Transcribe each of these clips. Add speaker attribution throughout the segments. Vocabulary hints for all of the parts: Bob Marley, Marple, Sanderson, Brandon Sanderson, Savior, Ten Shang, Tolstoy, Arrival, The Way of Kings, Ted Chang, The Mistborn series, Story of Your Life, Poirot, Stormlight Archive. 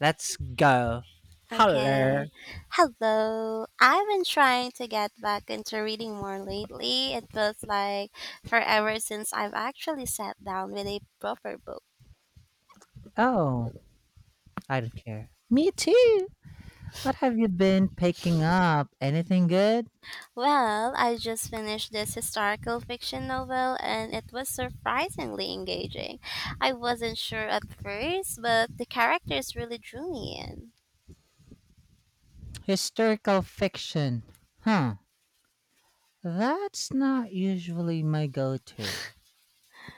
Speaker 1: Let's go. Hello.
Speaker 2: Okay. Hello. I've been trying to get back into reading more lately. It feels like forever since I've actually sat down with a proper book.
Speaker 1: Oh, I don't care. Me too. What have you been picking up? Anything good?
Speaker 2: Well, I just finished this historical fiction novel and it was surprisingly engaging. I wasn't sure at first, but the characters really drew me in.
Speaker 1: Historical fiction. Huh. That's not usually my go to.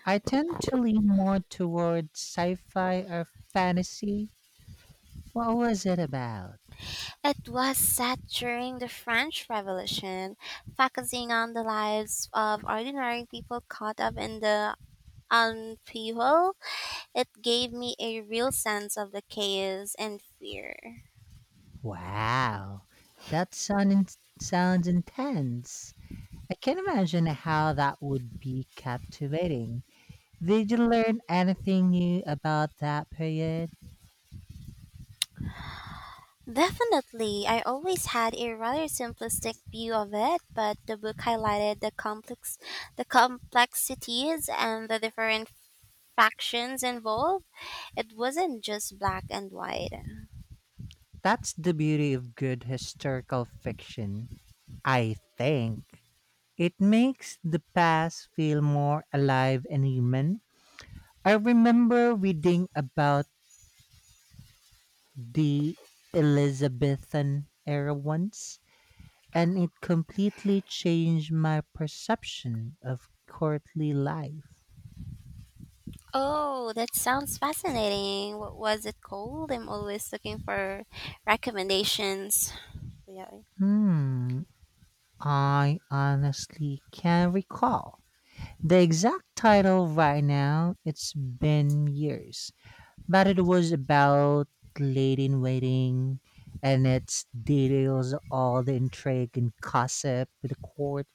Speaker 1: I tend to lean more toward sci fi or fantasy. What was it about?
Speaker 2: It was set during the French Revolution, focusing on the lives of ordinary people caught up in the On people, it gave me a real sense of the chaos and fear.
Speaker 1: Wow. That sound in- sounds intense. I can imagine how that would be captivating. Did you learn anything new about that period?
Speaker 2: Definitely, I always had a rather simplistic view of it, but the book highlighted the complexities and the different factions involved. It wasn't just black and white.
Speaker 1: That's the beauty of good historical fiction, I think. It makes the past feel more alive and human. I remember reading about the Elizabethan era once, and it completely changed my perception of courtly life.
Speaker 2: Oh, that sounds fascinating. What was it called? I'm always looking for recommendations.
Speaker 1: Hmm, I honestly can't recall the exact title right now. It's been years, but it was about Lady in Waiting, and it details all the intrigue and gossip with the court.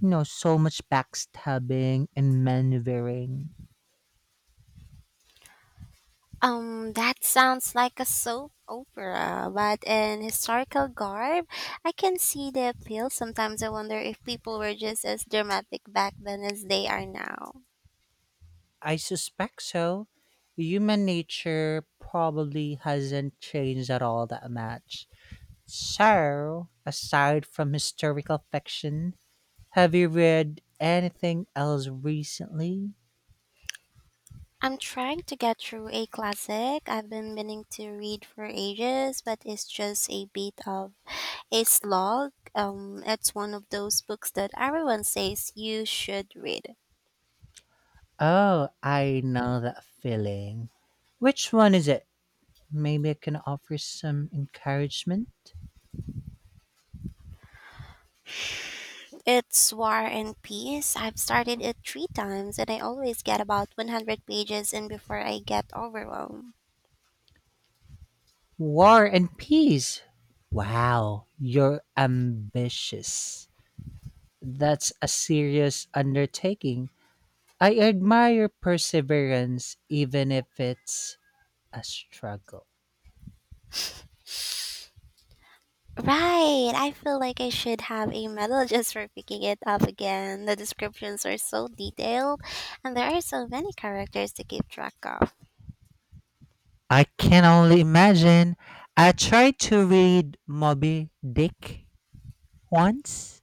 Speaker 1: You know, so much backstabbing and maneuvering.
Speaker 2: That sounds like a soap opera, but in historical garb, I can see the appeal. Sometimes I wonder if people were just as dramatic back then as they are now.
Speaker 1: I suspect so. Human nature probably hasn't changed at all that much. So, aside from historical fiction, have you read anything else recently?
Speaker 2: I'm trying to get through a classic I've been meaning to read for ages, but it's just a bit of a slog. It's one of those books that everyone says you should read.
Speaker 1: Oh, I know that feeling. Which one is it? Maybe I can offer some encouragement?
Speaker 2: It's War and Peace. I've started it three times and I always get about 100 pages in before I get overwhelmed.
Speaker 1: War and Peace. Wow, you're ambitious. That's a serious undertaking. I admire perseverance, even if it's a struggle.
Speaker 2: Right, I feel like I should have a medal just for picking it up again. The descriptions are so detailed and there are so many characters to keep track of.
Speaker 1: I can only imagine. I tried to read Moby Dick once,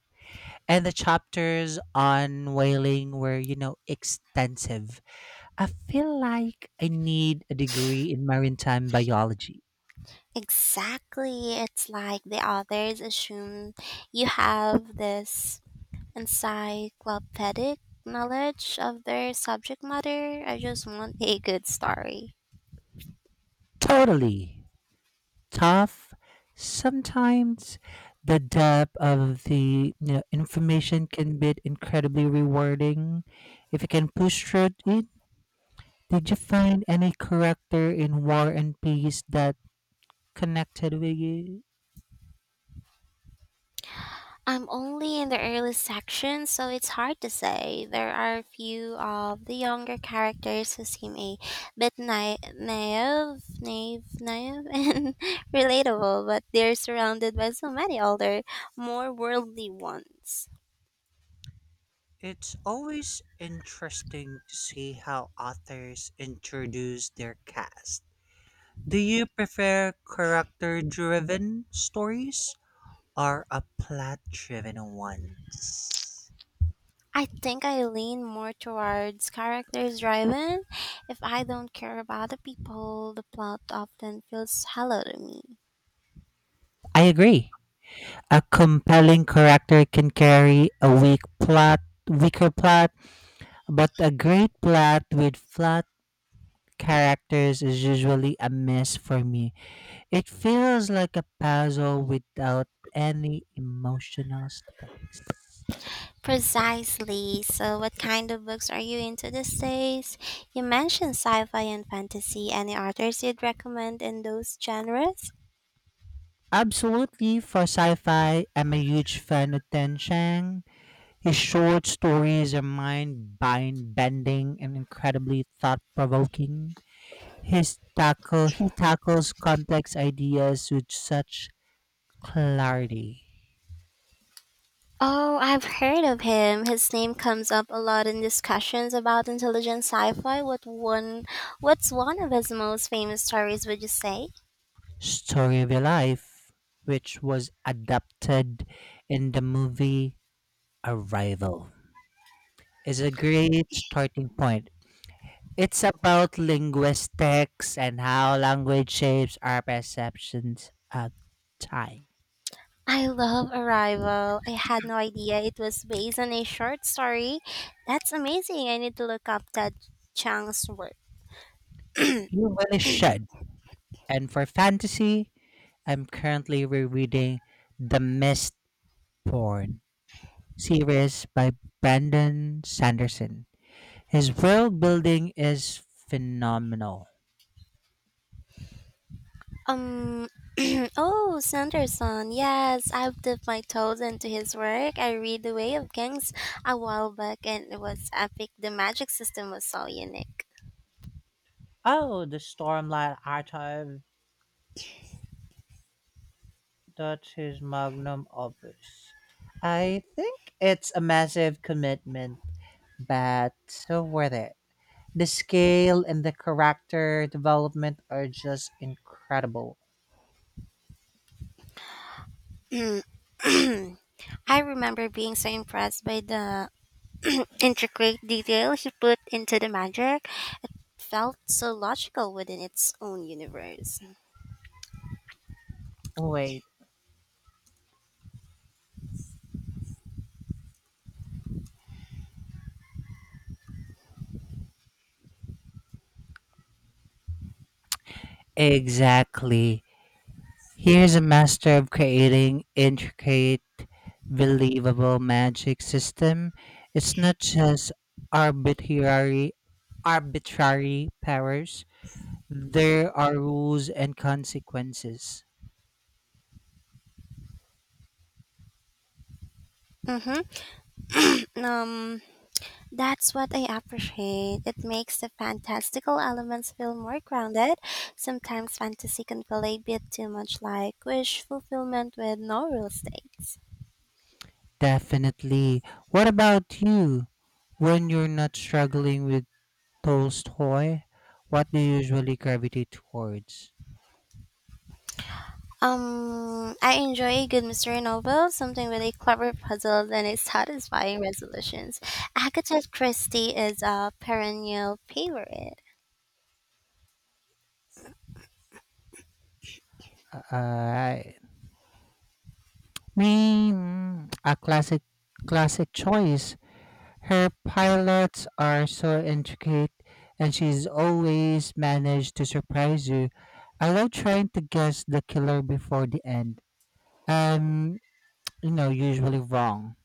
Speaker 1: and the chapters on whaling were, you know, extensive. I feel like I need a degree in maritime biology.
Speaker 2: Exactly, it's like the authors assume you have this encyclopedic knowledge of their subject matter. I just want a good story.
Speaker 1: Totally. Tough. Sometimes the depth of the, you know, information can be incredibly rewarding if you can push through it. Did you find any character in War and Peace that connected with you?
Speaker 2: I'm only in the early section, so it's hard to say. There are a few of the younger characters who seem a bit naive, and relatable, but they're surrounded by so many older, more worldly ones.
Speaker 1: It's always interesting to see how authors introduce their cast. Do you prefer character driven stories or a plot driven ones?
Speaker 2: I think I lean more towards characters driven. If I don't care about the people, the plot often feels hollow to me.
Speaker 1: I agree. A compelling character can carry a weaker plot, but a great plot with flat characters is usually a miss for me. It feels like a puzzle without any emotional stakes.
Speaker 2: Precisely. So, what kind of books are you into these days? You mentioned sci fi and fantasy. Any authors you'd recommend in those genres?
Speaker 1: Absolutely, for sci fi, I'm a huge fan of Ten Shang. His short stories are mind bending and incredibly thought provoking. His tackle He tackles complex ideas with such clarity.
Speaker 2: Oh, I've heard of him. His name comes up a lot in discussions about intelligent sci-fi. What's one of his most famous stories would you say?
Speaker 1: Story of Your Life, which was adapted in the movie Arrival, is a great starting point. It's about linguistics and how language shapes our perceptions of time.
Speaker 2: I love Arrival. I had no idea it was based on a short story. That's amazing. I need to look up Ted Chang's work.
Speaker 1: You really should. And for fantasy, I'm currently rereading The Mistborn series by Brandon Sanderson. His world building is phenomenal.
Speaker 2: Um. Oh, Sanderson. Yes, I've dipped my toes into his work. I read The Way of Kings a while back, and it was epic. The magic system was so unique.
Speaker 1: Oh, the Stormlight Archive. That's his magnum opus. I think it's a massive commitment, but so worth it. The scale and the character development are just incredible.
Speaker 2: I remember being so impressed by the intricate detail he put into the magic. Felt so logical within its own universe.
Speaker 1: Wait. Exactly. Here's a master of creating intricate, believable magic system. It's not just arbitrary arbitrary powers. There are rules and consequences.
Speaker 2: Mm-hmm. Um. That's what I appreciate. It makes the fantastical elements feel more grounded. Sometimes fantasy can feel a bit too much like wish fulfillment with no real stakes.
Speaker 1: Definitely. What about you? When you're not struggling with Tolstoy, what do you usually gravitate towards?
Speaker 2: I enjoy a good mystery novel, something with a clever puzzle and a satisfying resolutions. Agatha Christie is a perennial favorite.
Speaker 1: Uh, me, mm, a classic, Classic choice. Her pilots are so intricate, and she's always managed to surprise you. I love trying to guess the killer before the end. Um, you know, usually wrong.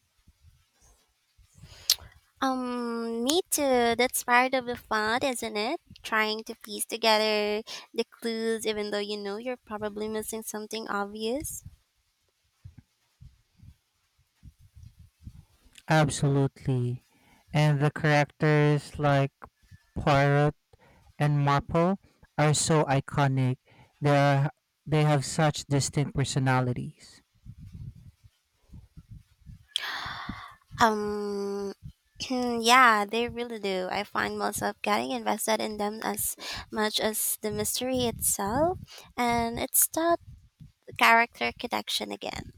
Speaker 2: Me too. That's part of the fun, isn't it? Trying to piece together the clues, even though you know you're probably missing something obvious.
Speaker 1: Absolutely. And the characters like Poirot and Marple are so iconic. They are they have such distinct personalities.
Speaker 2: Um, yeah, they really do. I find myself getting invested in them as much as the mystery itself, and it's that character connection again.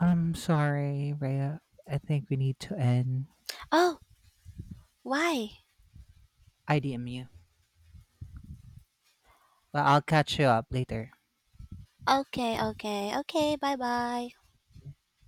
Speaker 1: I'm sorry, Rhea. I think we need to end.
Speaker 2: Oh, why?
Speaker 1: I DM you. But I'll catch you up later.
Speaker 2: Okay, okay, okay. Bye bye.